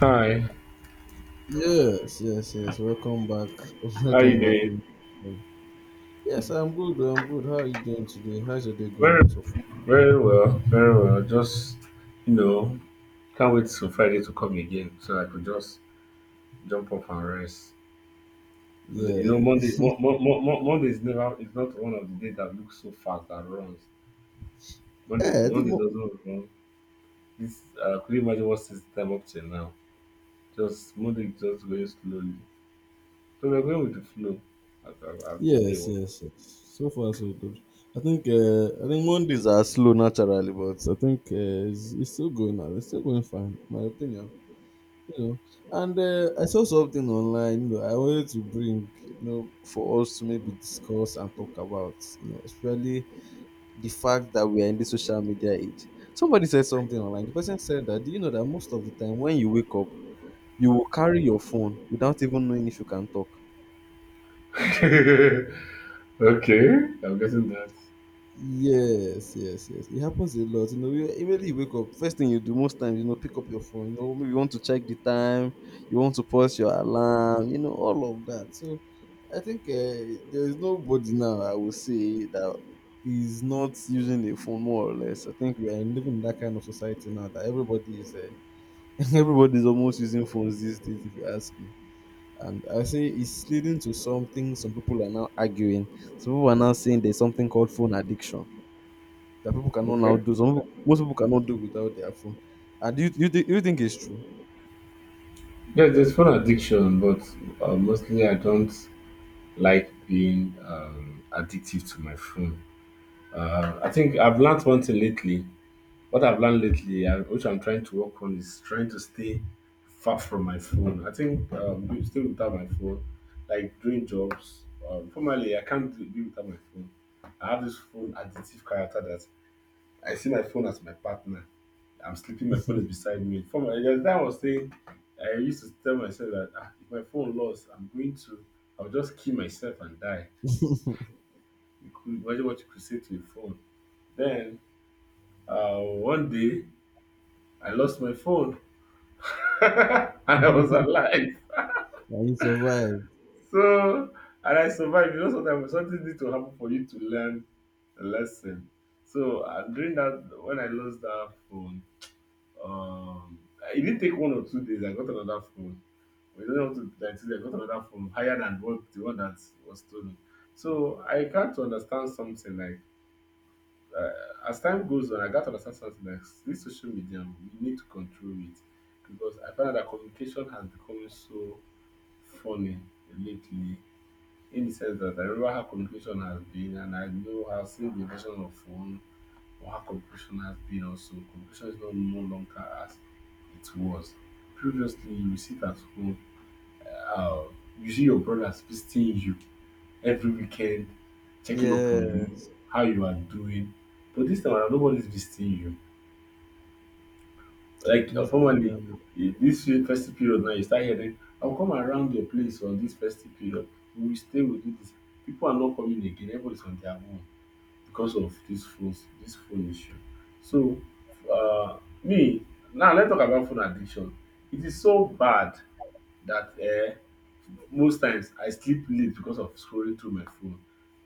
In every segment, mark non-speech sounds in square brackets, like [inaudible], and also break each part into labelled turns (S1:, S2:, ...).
S1: Hi,
S2: Yes, yes, yes. Welcome back. [laughs]
S1: how
S2: Welcome
S1: you
S2: back.
S1: doing?
S2: Yes, I'm good. I'm good. How are you doing today? How's your day going
S1: Very,
S2: so far?
S1: very well, very well. Just you know, can't wait till Friday to come again, so I could just jump up and rest. You know,
S2: Yeah.
S1: Monday, Monday is never, it's not one of the days that looks so fast that runs.
S2: Yeah,
S1: Monday doesn't run. Could you imagine what's this time up till now? Just Monday is just going slowly. So we're going with the flow as, as the day.
S2: yes,
S1: Wa-
S2: yes, yes. So far so good. I think Mondays are slow naturally, but I think uh, it's still going now. It's still going fine, my opinion. You know, and I saw something online. I wanted to bring for us to maybe discuss and talk about. You know, especially the fact that we are in the social media age. Somebody said something online. The person said that, do you know that most of the time when you wake up, you will carry your phone without even knowing if you can talk?
S1: [laughs] Okay, I'm guessing that.
S2: Yes, yes, yes. It happens a lot. Immediately you wake up, first thing you do most times, you know, pick up your phone. You know, maybe you want to check the time, you want to pause your alarm, you know, all of that. So I think there is nobody now I will say that is not using a phone more or less. I think we are living in that kind of society now that everybody is [laughs] Everybody's almost using phones these days, if you ask me. And I say it's leading to something some people are now arguing. Some people are now saying there's something called phone addiction that people cannot now
S1: Okay.
S2: do. Some people, most people cannot do without their phone. And do you think it's true?
S1: Yes, there's phone addiction, but mostly I don't like being addictive to my phone. I think I've learned one thing lately. What I've learned lately, which I'm trying to work on, is trying to stay far from my phone. I think being- stay without my phone, like doing jobs. Formerly, I can't do, be without my phone. I have this phone addictive character that. I see my phone as my partner. I'm sleeping, my phone is beside me. For my, there's that I was saying, I used to tell myself that ah, if my phone lost, I'll just kill myself and die. You could imagine what you could say to your phone. Then one day, I lost my phone [laughs] and I was alive.
S2: Can you survive?
S1: So, and I survived. You know, sometimes something needs to happen for you to learn a lesson. So, during that, when I lost that phone, Um, it didn't take one or two days. I got another phone. We don't have to like I got another phone higher than what the one that was stolen. So I can to understand something like as time goes on, I got to understand something like this social media. We need to control it because I find out that communication has become so funny lately. In the sense that I remember how communication has been, and I know I've seen the invention of phone, our cooperation has been also cooperation is not no longer as it was. Previously, you will sit at home, uh, you see your brothers visiting you every weekend, checking up on
S2: Yeah,
S1: you, how you are doing. But this time around, nobody's visiting you. Like,
S2: most people
S1: formerly, this festive period now, you start hearing, I'll come around your place on this festive period. We'll do this. People are not coming again, everybody's on their own. Because of this phone issue. So me now let's talk about phone addiction. It is so bad that most times I sleep late because of scrolling through my phone,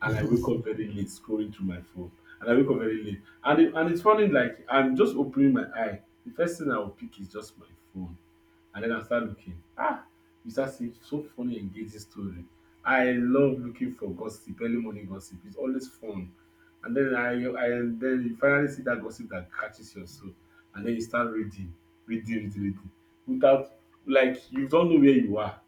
S1: and I wake up very late scrolling through my phone, and I wake up very late. And it's funny, like I'm just opening my eye, the first thing I will pick is just my phone, and then I start looking. Ah, you start seeing so funny, engaging story. I love looking for gossip, early morning gossip. It's always fun. And then I and then you finally see that gossip that catches your soul, and then you start reading, reading without like you don't know where you are.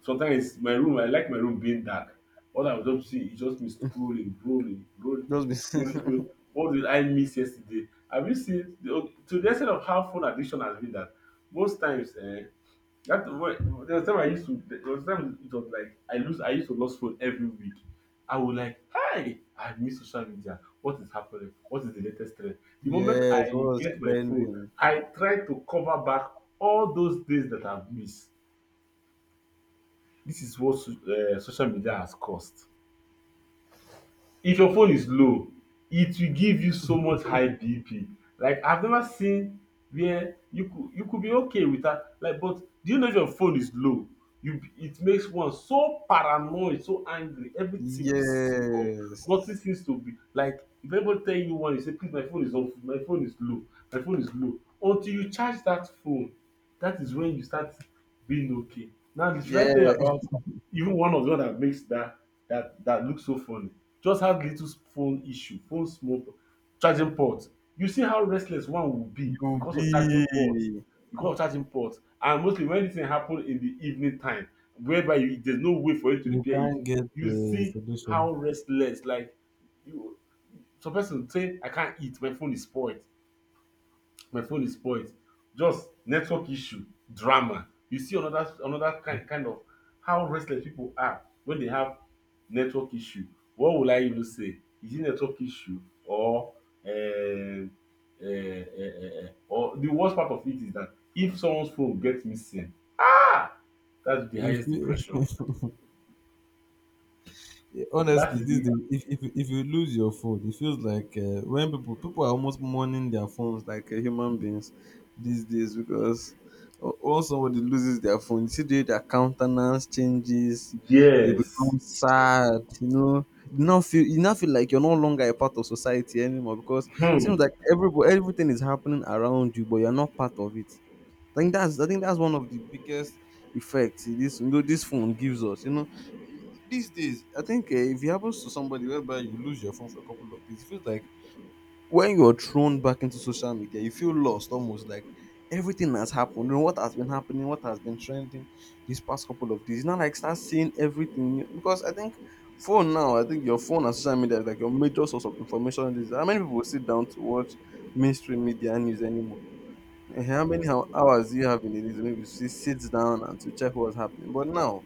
S1: Sometimes it's my room, I like my room being dark. All I would just see is just me scrolling,
S2: just
S1: scrolling,
S2: be
S1: scrolling. What did I miss yesterday? Have you seen the, to the extent of how phone addiction has been that most times that wa- there was time it was like I used to lose phone every week. I would like, hi, I miss social media. What is happening? What is the latest trend?
S2: [laughs]
S1: The moment
S2: yes, what
S1: I
S2: was
S1: get my phone,
S2: spending?
S1: I try to cover back all those days that I've missed. This is what so- social media has caused. If your phone is low, it will give you so much high BP. Like I've never seen where you could be okay with that. Like, but do you know if your phone is low? You it makes one so paranoid, so angry, everything pisses you off.
S2: Yes,
S1: Nothing seems to be like if anybody tell you one, you say, please, my phone is off, my phone is low. Until you charge that phone, that is when you start being okay. Now, should I
S2: yeah,
S1: tell you about even one of the one that makes that looks so funny? Just had little phone issue, phone small charging port. You see how restless one will be
S2: you
S1: because of charging port,
S2: be
S1: because of charging port. And mostly when this thing happen in the evening time, whereby you, there's no way for you to
S2: you
S1: repair it,
S2: can't get
S1: you
S2: the
S1: see
S2: solution
S1: how restless like you some person say I can't eat, my phone is spoiled just network issue drama you see another kind of how restless people are when they have network issue. What will I even say, is it network issue um or the worst part of it is that if someone's phone gets missing ah that's the
S2: if
S1: highest
S2: you
S1: depression.
S2: Yeah,
S1: That
S2: honestly
S1: is
S2: this
S1: the.
S2: day, if you lose your phone it feels like when people are almost mourning their phones like human beings these days because once somebody loses their phone you see the way their countenance changes. They
S1: Yes.
S2: become sad. You know, you now feel, you now feel like you're no longer a part of society anymore, because it seems
S1: Hmm.
S2: like everybody, everything is happening around you but you're not part of it. I think that's one of the biggest effects this, you know, this phone gives us. You know, these days I think if it happens to somebody whereby you lose your phone for a couple of days, it feels like when you're thrown back into social media, you feel lost almost like everything has happened. You know what has been happening, what has been trending these past couple of days. Now like start seeing everything because I think phone now, I think your phone and social media is like your major source of information. This how many people sit down to watch mainstream media news anymore? Eh, how many hours do you have in a day to maybe sit down and to check what's happening? But now,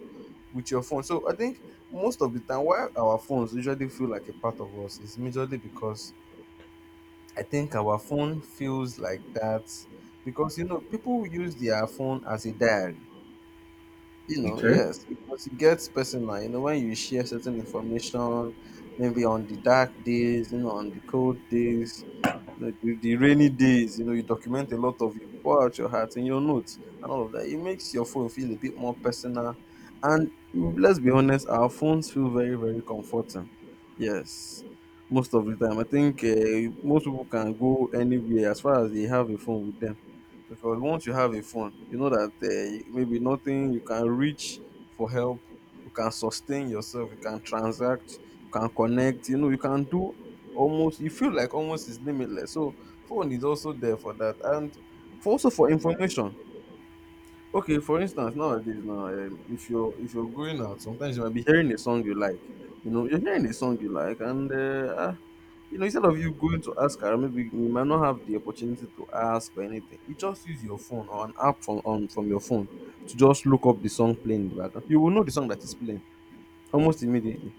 S2: with your phone, so I think most of the time, why our phones usually feel like a part of us is majorly because I think our phone feels like that because you know people use their phone as a diary, you know.
S1: Okay.
S2: Yes, because it gets personal. You know, when you share certain information, maybe on the dark days, you know, on the cold days, you know, the rainy days, you know, you document a lot of, you pour out your heart in your notes and all of that. It makes your phone feel a bit more personal. And mm, let's be honest, our phones feel very, very comforting. Yes, most of the time. I think most people can go anywhere as far as they have a phone with them, because once you have a phone you know that maybe nothing, you can reach for help, you can sustain yourself, you can transact, you can connect, you know, you can do almost, you feel like almost is limitless. So phone is also there for that, and for also for information. Okay, for instance nowadays now, if you're, if you're going out sometimes you might be hearing a song you like, you know, you're hearing a song you like and you know, instead of you going to ask her, maybe you might not have the opportunity to ask or anything. You just use your phone or an app from on from your phone to just look up the song playing in the background. You will know the song that is playing almost immediately.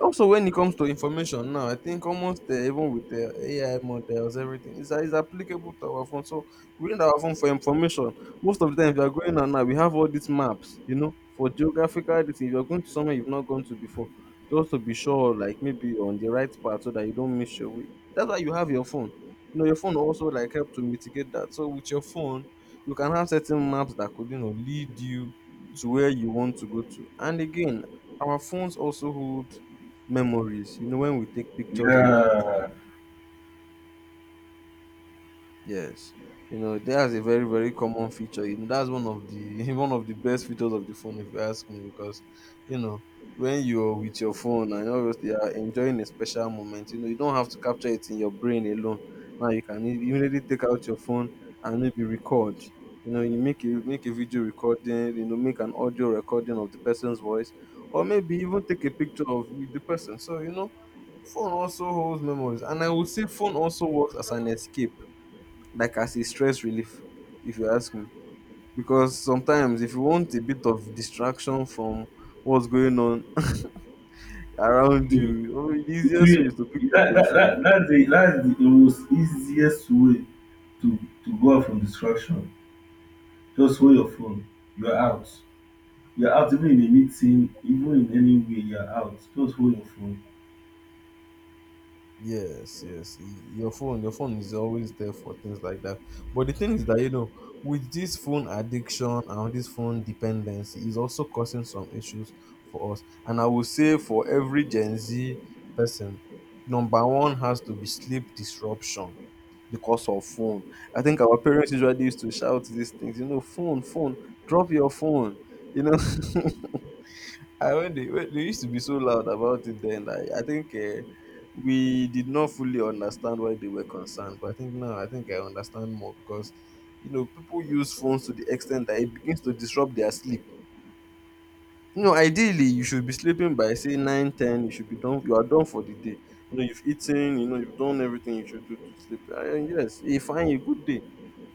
S2: Also, when it comes to information now, I think almost even with the AI models, everything is applicable to our phone. So we need our phone for information. Most of the time, if you are going on now, we have all these maps, you know, for geographical distance. If you are going to somewhere you've not gone to before, just to be sure, like maybe you're on the right path so that you don't miss your way. That's why you have your phone. You know, your phone also like help to mitigate that. So with your phone, you can have certain maps that could you know lead you to where you want to go to. And again, our phones also hold memories. You know, when we take pictures and make
S1: Yeah.
S2: Yes. You know, that's a very, very common feature. You know, that's one of the [laughs] one of the best features of the phone if you ask me, because you know, when you're with your phone and obviously you are enjoying a special moment, you know, you don't have to capture it in your brain alone. Now you can immediately take out your phone and maybe record. You know, you make a, make a video recording, you know, make an audio recording of the person's voice, or maybe even take a picture of the person. So, you know, phone also holds memories. And I would say phone also works as an escape, like as a stress relief, if you ask me, because sometimes if you want a bit of distraction from what's going on [laughs] around
S1: Hmm.
S2: you, oh, the
S1: It
S2: easiest way is to pick
S1: will
S2: up your phone.
S1: that's the most easiest way to to go out from distraction. Just hold your phone, you're out. You're out even in a meeting, even in any way, you're out, just hold your phone
S2: Yes, yes. Your phone is always there for things like that. But the thing is that you know, with this phone addiction and this phone dependency is also causing some issues for us. And I would say for every Gen Z person, number one has to be sleep disruption because of phone. I think our parents usually used to shout these things, you know, phone, phone, drop your phone, you know. [laughs] I when they used to be so loud about it then, like, I think we did not fully understand why they were concerned. But I think now, I think I understand more because, you know, people use phones to the extent that it begins to disrupt their sleep. You know, ideally, you should be sleeping by say 9-10. You should be done. You are done for the day. You know, you've eaten. You know, you've done everything you should do to sleep. And yes, a fine, a good day.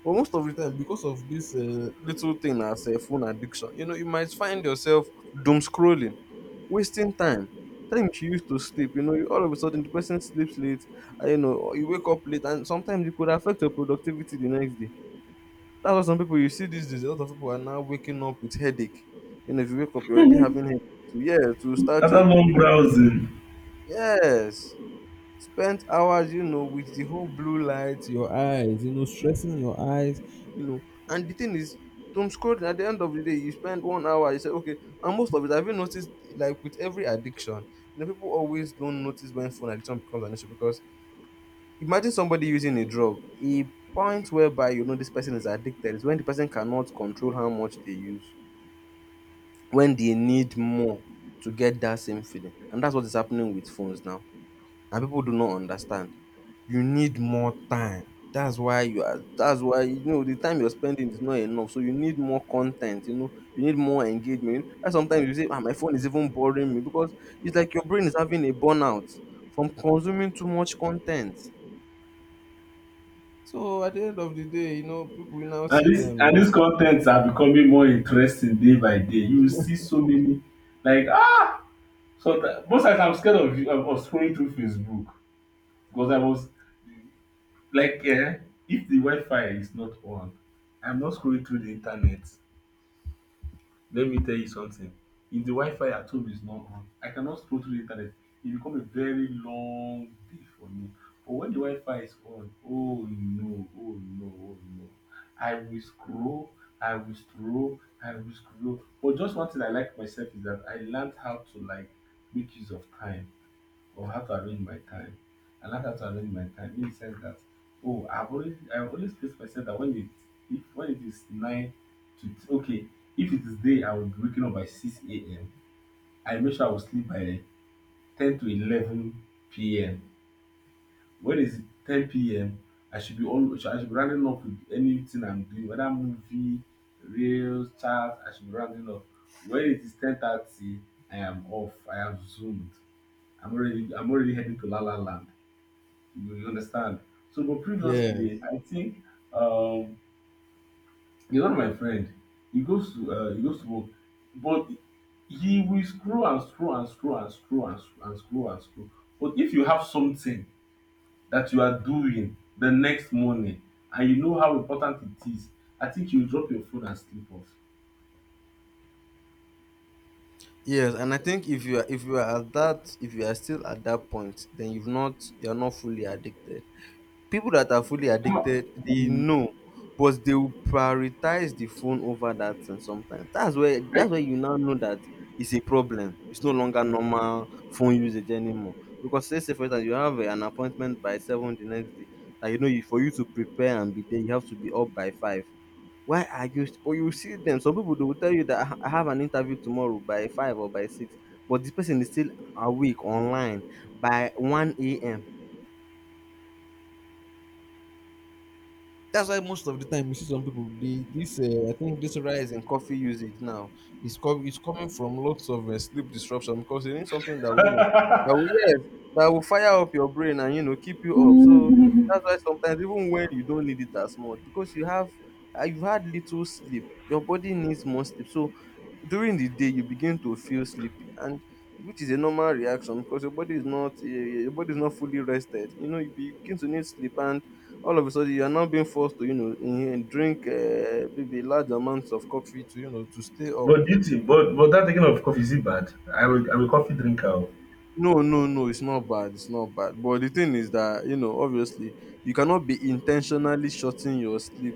S2: But most of the time, because of this little thing as a phone addiction, you know, you might find yourself doom scrolling, wasting time. Time you used to sleep, you know, you, all of a sudden the person sleeps late, and, you know, or you wake up late, and sometimes it could affect your productivity the next day. That's why some people you see these days, a lot of people are now waking up with headache. You know, if you wake up, you're already having headache. To yeah, to start your
S1: after
S2: day
S1: long
S2: because
S1: browsing.
S2: yes, spent hours you know with the whole blue light, your eyes, you know, stressing your eyes, you know. And the thing is doom scrolling, at the end of the day you spend 1 hour, you say okay. And most of it, have you noticed, like with every addiction, you know people always don't notice when phone addiction becomes an issue, because imagine somebody using a drug, a point whereby you know this person is addicted is when the person cannot control how much they use, when they need more to get that same feeling. And that's what is happening with phones now, and people do not understand. You need more time. That's why you are, that's why you know the time you're spending is not enough. So you need more content, you know, you need more engagement. And sometimes you say, ah, my phone is even boring me, because it's like your brain is having a burnout from consuming too much content. So at the end of the day, you know, people now see
S1: And
S2: them.
S1: this contents are becoming more interesting day by day. You will see so many like ah, sometimes most times I'm scared of scrolling through Facebook. Because I was like eh, if the Wi-Fi is not on, I'm not scrolling through the internet. Let me tell you something. If the Wi-Fi at home is not on, I cannot scroll through the internet. It become a very long day for me. But when the Wi-Fi is on, oh no, I will scroll, I will scroll. But just one thing I like myself is that I learned how to like make use of time or how to arrange my time. I learned how to arrange my time in the sense that oh I have always place myself that when it if when it is nine to t- okay if it is day I will be waking up by 6 a.m. I make sure I will sleep by 10 to 11 p.m. When it's 10 p.m. I should be rounding up with anything I'm doing whether movie, reels, chat I should be rounding up. When it is 10:30 I am off I have zoomed. I'm already heading to La La Land, you understand? So, but
S2: Yes.
S1: previously, I think um, you know my friend, he goes to work, but he will scroll and scroll and scroll and scroll and scroll and scroll and scroll. But if you have something that you are doing the next morning and you know how important it is, I think you drop your phone and sleep off.
S2: Yes, and I think if you are at that if you are still at that point, then you're not fully addicted. People that are fully
S1: How-
S2: addicted they
S1: Mm.
S2: know, but they will prioritize the phone over that thing sometimes. That's where you now know that it's a problem, it's no longer normal phone usage anymore. Because say for instance you have an appointment by seven the next day, and you know you for you to prepare and be there you have to be up by five. Why are you st- But you see them, some people they will tell you that I have an interview tomorrow by five or by six, but this person is still awake online by 1 a.m. That's why most of the time you see some people. They, this I think this rise in coffee usage now is coming from lots of sleep disruption, because you need something that will, you know, that will, yes, that will fire up your brain and, you know, keep you up. So that's why sometimes even when you don't need it as much, because you have you've had little sleep, your body needs more sleep. So during the day you begin to feel sleepy, and which is a normal reaction because your body is not your body is not fully rested. You know, you begin to need sleep, and all of a sudden you are now being forced to, you know, drink, maybe large amounts of coffee to, you know, to stay up.
S1: But do you think, but that taking of coffee is it bad? I'm a coffee drinker. Oh.
S2: No, no, no, it's not bad, it's not bad, but the thing is that, you know, obviously you cannot be intentionally shorting your sleep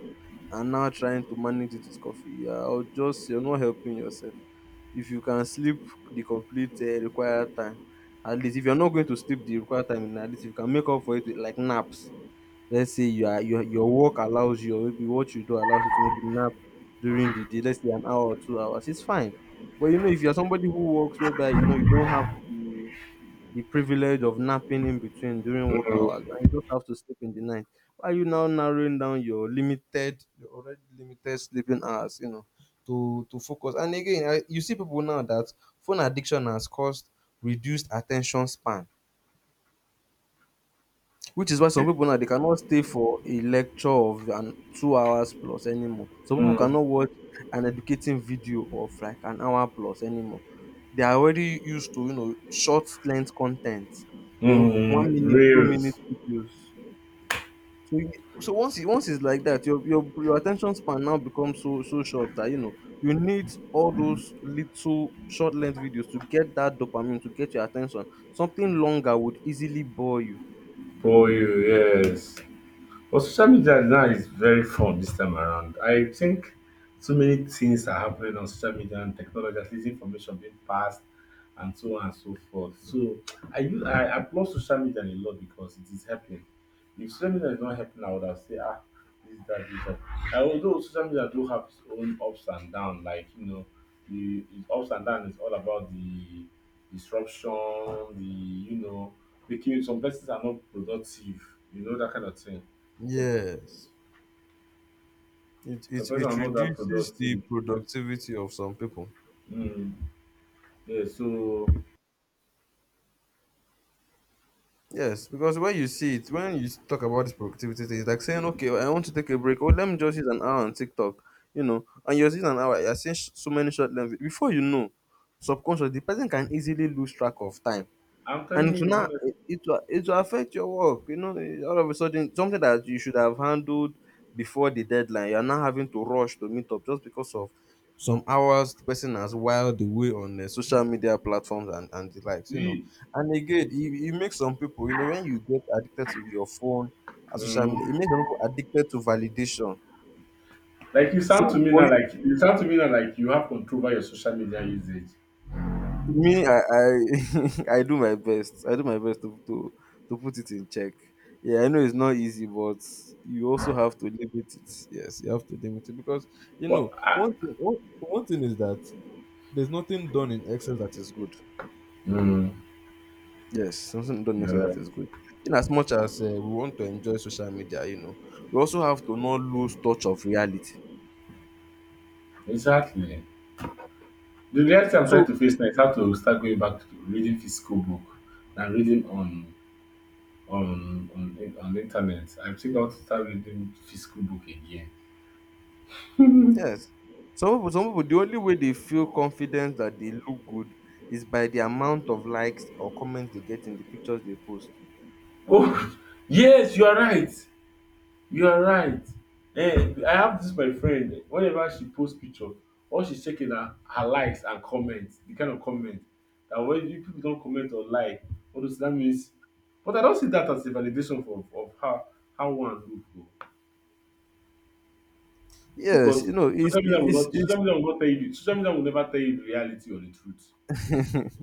S2: and now trying to manage it with coffee, yeah, or just you're not helping yourself. If you can sleep the complete required time, at least if you're not going to sleep the required time, at least you can make up for it with like naps. Let's say your work allows you, or maybe what you do allows you to maybe nap during the day, let's say an hour or 2 hours, it's fine. But you know, if you're somebody who works whereby, you know, you don't have the privilege of napping in between during work
S1: Mm,
S2: hours, and you just have to sleep in the night. Why are you now narrowing down your limited your already limited sleeping hours, you know, to focus? And again, you see people now that phone addiction has caused reduced attention span, which is why some people now they cannot stay for a lecture of an 2 hours plus anymore. Some people
S1: mm,
S2: cannot watch an educating video of like an hour plus anymore. They are already used to, you know, short length content, you know, one minute, 2 minute
S1: reals.
S2: videos. So, so once it's like that, your your attention span now becomes so short that you know you need all those little short length videos to get that dopamine, to get your attention. Something longer would easily bore you.
S1: For you, yes. But social media now is very fun this time around. I think so many things are happening on social media and technology, at least information being passed and so on and so forth. So I applaud social media a lot because it is helping. If social media is not helping, I would have said, ah, this that. And although social media do have its own ups and downs, like you know, the its ups and downs is all about the disruption, the you know, making some persons are not productive, you know, that kind of thing. So,
S2: Yes. It,
S1: so
S2: it
S1: person
S2: it
S1: are not that
S2: reduces the
S1: productive.
S2: productivity of some people.
S1: Mm. Yeah, so
S2: Yes, because when you see it, when you talk about this productivity thing, it's like saying, okay, I want to take a break. Oh, let me just use an hour on TikTok, you know, and you're using an hour. You're seeing so many short length. Before you know, subconsciously, the person can easily lose track of time.
S1: I'm
S2: And
S1: telling
S2: to
S1: you
S2: now, it will affect your work. You know, all of a sudden, something that you should have handled before the deadline, you are now having to rush to meet up just because of some hours the person has whiled away on social media platforms and the likes, you know.
S1: honestly,
S2: And again, it makes some people, you know, when you get addicted to your phone and social
S1: mm,
S2: media, it makes some people addicted to validation.
S1: like
S2: So for you.
S1: you sound to me now like you have control over your social media usage.
S2: Me, [laughs] I do my best. I do my best to, to put it in check. Yeah, I know it's not easy, but you also have to limit it. Yes, you have to limit it because you
S1: But
S2: know
S1: I,
S2: one thing. One thing is that there's nothing done in excess that is good.
S1: mm,
S2: Yes, something done in excess
S1: yeah,
S2: that is good. In as much as we want to enjoy social media, you know, we also have to not lose touch of reality.
S1: exactly. The reality I'm trying
S2: So
S1: to face now is how to start going back to reading physical book and reading on the internet. I think I want to start reading physical book again.
S2: yes. Some people, the only way they feel confident that they look good is by the amount of likes or comments they get in the pictures they post.
S1: Oh [laughs] yes, you are right. You are right. I have this my friend whenever she posts picture all she's checking na her likes and comments. The kind of comment that when you people not comment or like all those that means but I don't see that as a validation of how one look oo
S2: Yes,
S1: because
S2: you know, it's
S1: social media will
S2: it's
S1: not
S2: it's,
S1: social media will not tell you social media will never tell you the reality or the truth,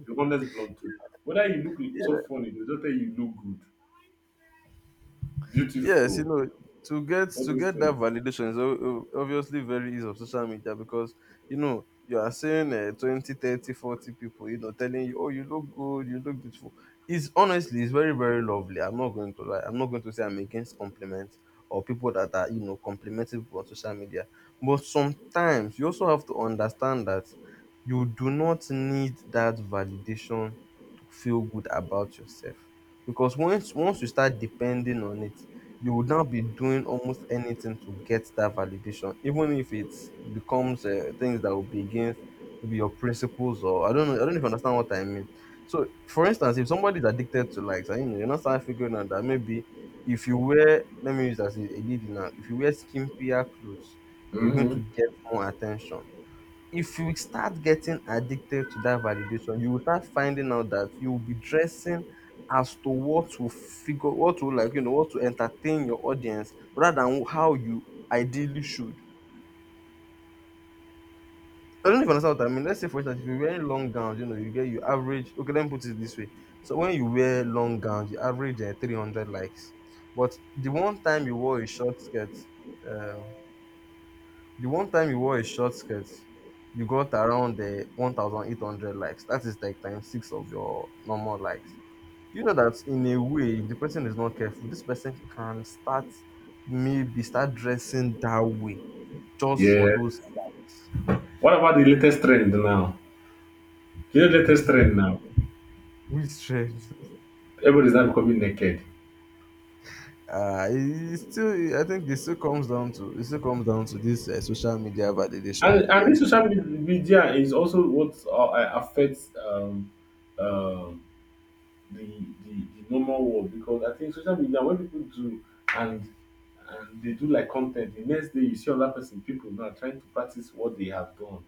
S1: the honest blunt truth. Whether you look so
S2: it's
S1: funny they don't tell you you look good,
S2: yes, you
S1: beautiful,
S2: know, to
S1: all those
S2: get that
S1: things.
S2: validation is obviously very easy of social media, because you know you are seeing, 20 30, 40 people, you know, telling you, oh, you look good, you look beautiful. It's honestly, it's very lovely. I'm not going to lie, I'm not going to say I'm against compliments, or people that are, you know, complimenting people on social media. But sometimes you also have to understand that you do not need that validation to feel good about yourself, because once you start depending on it, you would now be doing almost anything to get that validation, even if it becomes, things that will be against maybe your principles, or I don't know if you understand what I mean. So for instance, if somebody is addicted to likes, and you know you're not starting figuring out that maybe, if you wear, let me use as a lady now, if you wear skimpier clothes you're going to
S1: Mm-hmm.
S2: get more attention. If you start getting addicted to that validation, you will start finding out that you will be dressing as to what will figure, what will like, you know, what to entertain your audience, rather than how you ideally should. I don't even understand what I mean. Let's say, for instance, if you're wearing long gowns, you know, you get your average. Okay, let me put it this way. So when you wear long gowns, you average 300 likes. But the one time you wore a short skirt, uh, The one time you wore a short skirt, you got around the 1,800 likes. That is like times six of your normal likes. Do you know that in a way, if the person is not careful, this person can start, maybe start dressing that way, just for
S1: Yeah.
S2: those.
S1: What about the latest trend now? You know, latest
S2: [laughs]
S1: trend now.
S2: Which trend?
S1: Everybody's now becoming naked,
S2: I think it still comes down to this social media validation.
S1: and
S2: You know,
S1: and this
S2: it's,
S1: social media is also what affects um the, the normal world because I think social media when people do and and they do like content. The next day, you see other person, people now trying to practice what they have done,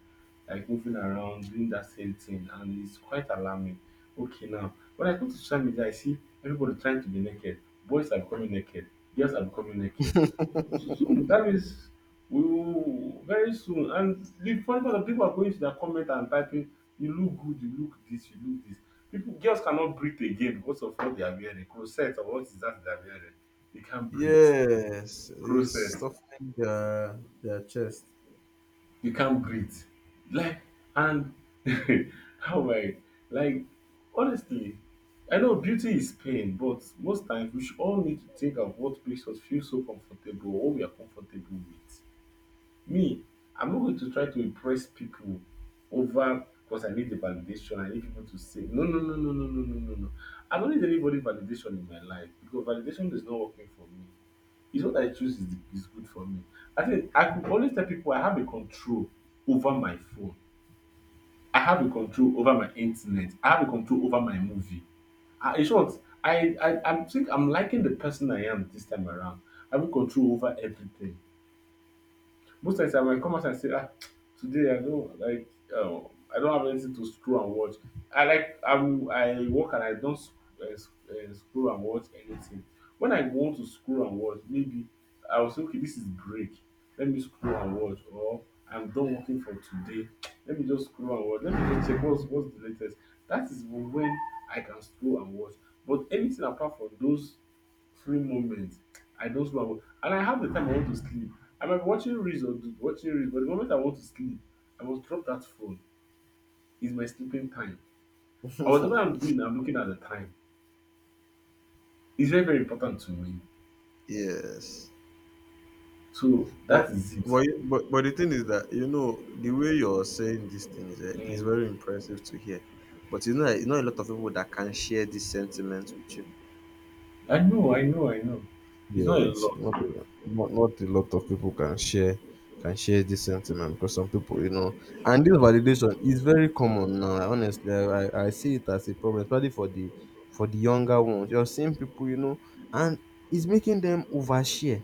S1: like moving around, doing that same thing, and it's quite alarming. Okay, now when I go to social media, I see everybody trying to be naked. Boys are becoming naked, girls are becoming naked. Soon, that means we will very soon. And the funny part of people are going to their comment and typing, "You look good, you look this, you look this." People, girls cannot breathe again because of what they are wearing, corset or what is that they are wearing. They can't breathe.
S2: yes, it's
S1: Roasted.
S2: stuffing their chest.
S1: You can't breathe. Like, and [laughs] how I, like, honestly, I know beauty is pain, but most times we should all need to think of what makes us feel so comfortable or what we are comfortable with. Me, I'm not going to try to impress people over because I need the validation, I need people to say no no no no no no no no no. I don't need anybody validation in my life because validation is not working for me. It's what I choose is the is good for me. I think I could always tell people I have a control over my phone. I have a control over my internet. I have a control over my movie. I, in short, I think I'm liking the person I am this time around. I have a control over everything. Most times I might come out and say, ah, today I don't like um, I don't have anything to scroll and watch. I like I'm I work and I don't scroll and watch anything. When I want to scroll and watch, maybe I will say, okay, this is break. Let me scroll and watch, or I'm done working for today. Let me just scroll and watch. Let me just check what's the latest. That is when I can scroll and watch. But anything apart from those free moments I don't sleep at all. And I have the time I want to sleep. I might be watching reels or watching reels, but the moment I want to sleep, I must drop that phone. It's my sleeping time. And whatever I'm doing, I'm looking at the time. It's very, very important to me.
S2: Yes.
S1: So
S2: But
S1: that is it.
S2: but the thing is that, you know, the way you're saying these things, is
S1: Mm.
S2: very impressive to hear. But you know a lot of people that can share these sentiments with you.
S1: I know, I know, I know. It's not a
S2: Yes,
S1: lot.
S2: not a lot of people can share, can share this sentiment because some people, you know, and this validation is very common now. Honestly, I see it as a problem, especially for the younger ones. You're seeing people, you know, and it's making them overshare.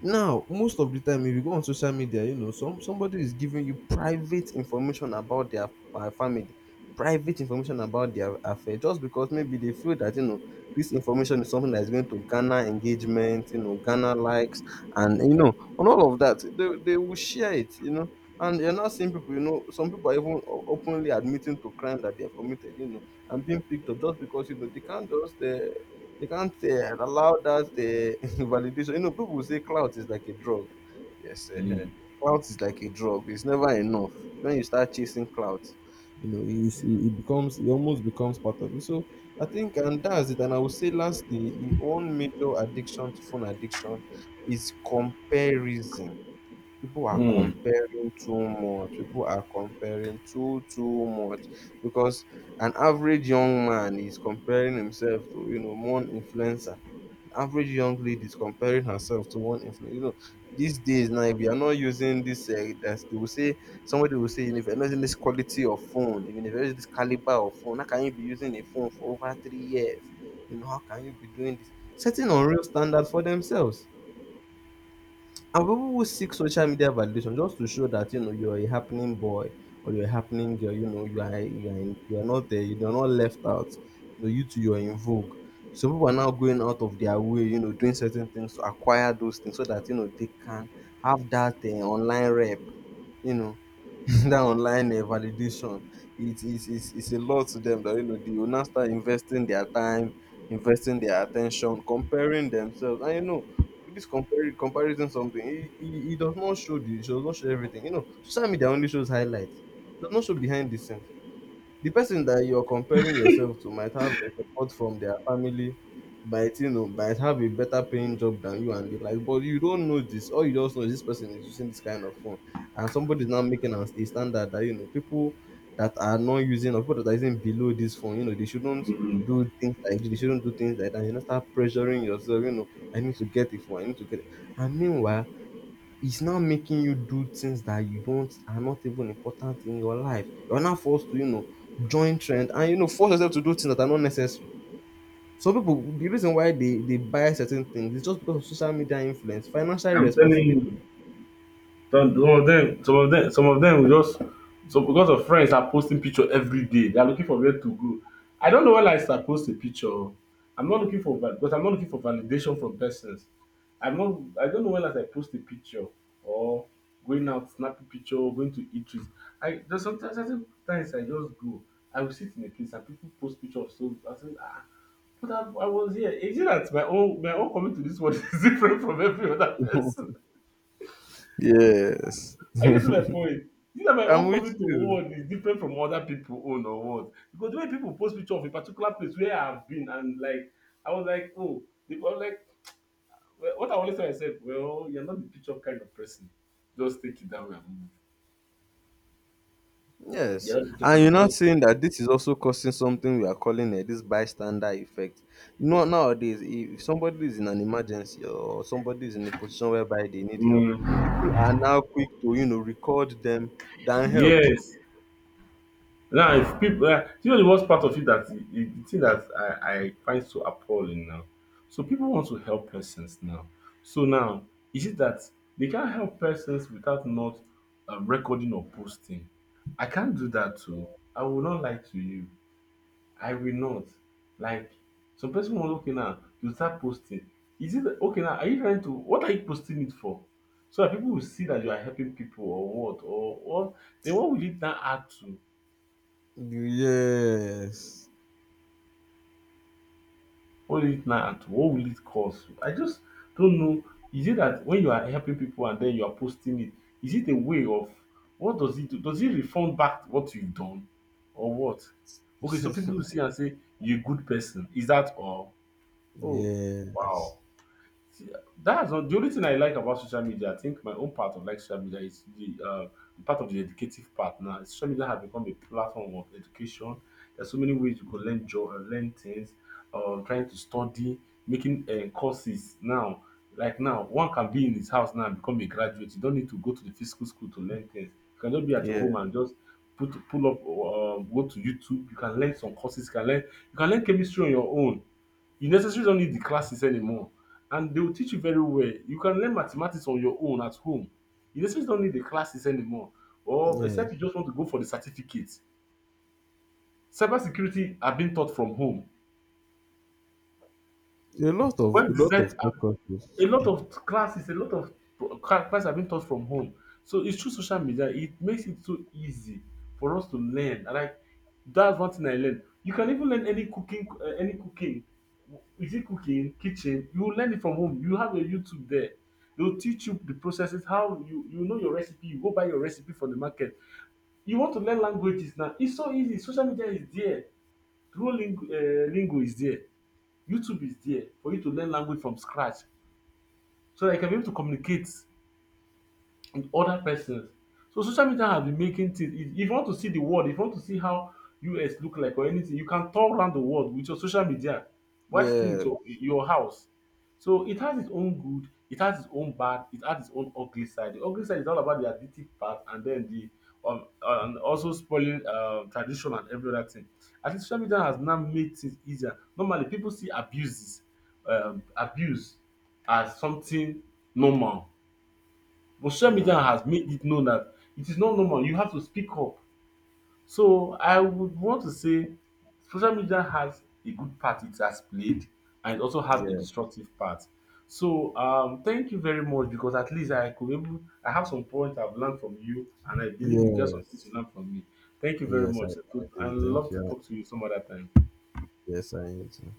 S2: Now, most of the time, if you go on social media, you know, somebody is giving you private information about their family, private information about their affair, just because maybe they feel that you know this information is something that is going to garner engagement, you know, garner likes, and you know, on all of that, they will share it, you know. And you're not seeing people, you know, some people are even openly admitting to crime that they have committed, you know, and being picked up just because you know they can't just they can't allow that [laughs] validation. You know, people say clout is like a drug. Yes,
S1: Mm.
S2: clout is like a drug. It's never enough. When you start chasing clout, you know, it becomes, it almost becomes part of you. So I think, and that's it. And I would say, lastly, one major addiction to phone addiction is comparison. People are
S1: Mm.
S2: comparing too much, people are comparing too much, because an average young man is comparing himself to, you know, one influencer. An average young lady is comparing herself to one influencer. You know, these days now, if you are not using this, that's they will say, somebody will say, "You know, if you're not using this quality of phone, if you're not using this caliber of phone, how can you be using a phone for over 3 years, you know? How can you be doing this?" Setting unreal standard for themselves. And people will seek social media validation just to show that, you know, you're a happening boy or you're a happening girl, you know, you are not there, you're not left out. You know, you're in vogue. So people are now going out of their way, you know, doing certain things to acquire those things, so that you know they can have that online rep, you know. [laughs] That online, validation, it's a lot to them, that you know they will now start investing their time, investing their attention, comparing themselves. And you know, with this comparing comparison something, it does not show the it does not show everything. You know, social media only shows highlights, it does not show behind the scenes. The person that you're comparing yourself to might have the support from their family, might, you know, might have a better paying job than you and the like, but you don't know this. All you just know is this person is using this kind of phone, and somebody is now making a standard that, you know, people that are not using, or people that are using below this phone, you know, they shouldn't
S1: Mm.
S2: do things like this, they shouldn't do things like that, you know. Start pressuring yourself, you know, I need to get it. And meanwhile, it's now making you do things that you don't are not even important in your life. You're now forced to, you know, join trend, and you know, force yourself to do things that are not necessary. Some people, the reason why they buy certain things is just because of social media influence, financial
S1: I'm telling
S2: responsibility.
S1: you. Some of them, some of them, some of them will just so because of friends are posting picture every day. They are looking for where to go. I don't know when I start post a picture I'm not looking for va because I'm not looking for validation from persons. I'm not I don't know when last I post a picture or going out snapping picture or going to eat with. I just sometimes certain times I just go. I will sit in a place and people post picture of so I say ah but I was here. Is it that my own coming to this world [laughs] is different from every other person?
S2: [laughs] Yes.
S1: Are you
S2: [laughs]
S1: getting my point? Is it that my
S2: I'm
S1: own
S2: with
S1: coming to
S2: you.
S1: world is different from other people own or what? Because the way people post picture of a particular place where I've been and like I was like, oh, they were like, well, what I always tell myself, well, you're not the picture kind of person. Just take it that way and move.
S2: Yes,
S1: You're not the picture
S2: and
S1: kind
S2: you're
S1: of
S2: not
S1: just
S2: saying that this is also causing something we are calling, this bystander effect. You know, nowadays, if somebody is in an emergency or somebody is in a position whereby they need help,
S1: mm,
S2: people are now quick to, you know, record them than help.
S1: yes. Now, if people, you know the worst part of it that the thing that I find so appalling now. So people want to help persons now. So now, is it that they can't help persons without not recording or posting? I can't do that too. I will not lie to you. I will not. Like some person was okay now, you start posting. Is it okay now? Are you trying to what are you posting it for? So that people will see that you are helping people or what or then what will it now add to?
S2: Yes.
S1: What is it now? And what will it cause? I just don't know. Is it that when you are helping people and then you are posting it, is it a way of what does it do? Does it refund back what you've done or what? Okay, so people will see and say, you're a good person. Is that all? Oh, wow.
S2: Yes.
S1: See, that's all- the only thing I like about social media. I think my own part of like social media is the part of the educative part. Now, social media has become a platform of education. There's so many ways you could learn learn things, trying to study, making courses now. Like now, one can be in his house now and become a graduate. You don't need to go to the physical school to learn things. You can just be at your
S2: Yeah.
S1: home and just put pull up, go to YouTube. You can learn some courses. You can learn chemistry on your own, you necessarily don't need the classes anymore and they will teach you very well. You can learn mathematics on your own at home. You necessarily don't need the classes anymore or except you
S2: Yes.
S1: just want to go for the certificate. Cybersecurity are being taught from home.
S2: A lot of, a
S1: Web
S2: lot
S1: design,
S2: of
S1: a
S2: precautions.
S1: lot of classes, a lot of classes have been taught from home. So it's through social media. It makes it so easy for us to learn. And like that's one thing I learned. You can even learn any cooking, any cooking. Is it cooking, kitchen? You will learn it from home. You have a YouTube there. They'll teach you the processes, how you you know your recipe. You go buy your recipe from the market. You want to learn languages now. It's so easy. Social media is there. Duolingo, Lingo is there. YouTube is there for you to learn language from scratch so that you can be able to communicate with other persons. So social media has been making things if you want to see the world, if you want to see how US look like or anything, you can tour around the world with your social media while staying in
S2: Yeah.
S1: your house. So it has its own good, it has its own bad, it has its own ugly side. The ugly side is all about the addictive part and then the and also spoiling tradition and every other thing. At least social media has now made things easier. Normally people see abuses, abuse as something normal but social media
S2: Mm.
S1: has made it known that it is not normal, you have to speak up. So I would want to say social media has a good part it has played and it also has a
S2: Yeah.
S1: destructive part. So thank you very much because at least I could able I have some points I've learned from you and I believe you get some things you
S2: Yes.
S1: learned from me. Thank you very
S2: Yes,
S1: much.
S2: I
S1: I
S2: do.
S1: would
S2: Thank
S1: love to
S2: you.
S1: talk to you some other time.
S2: Yes, I do.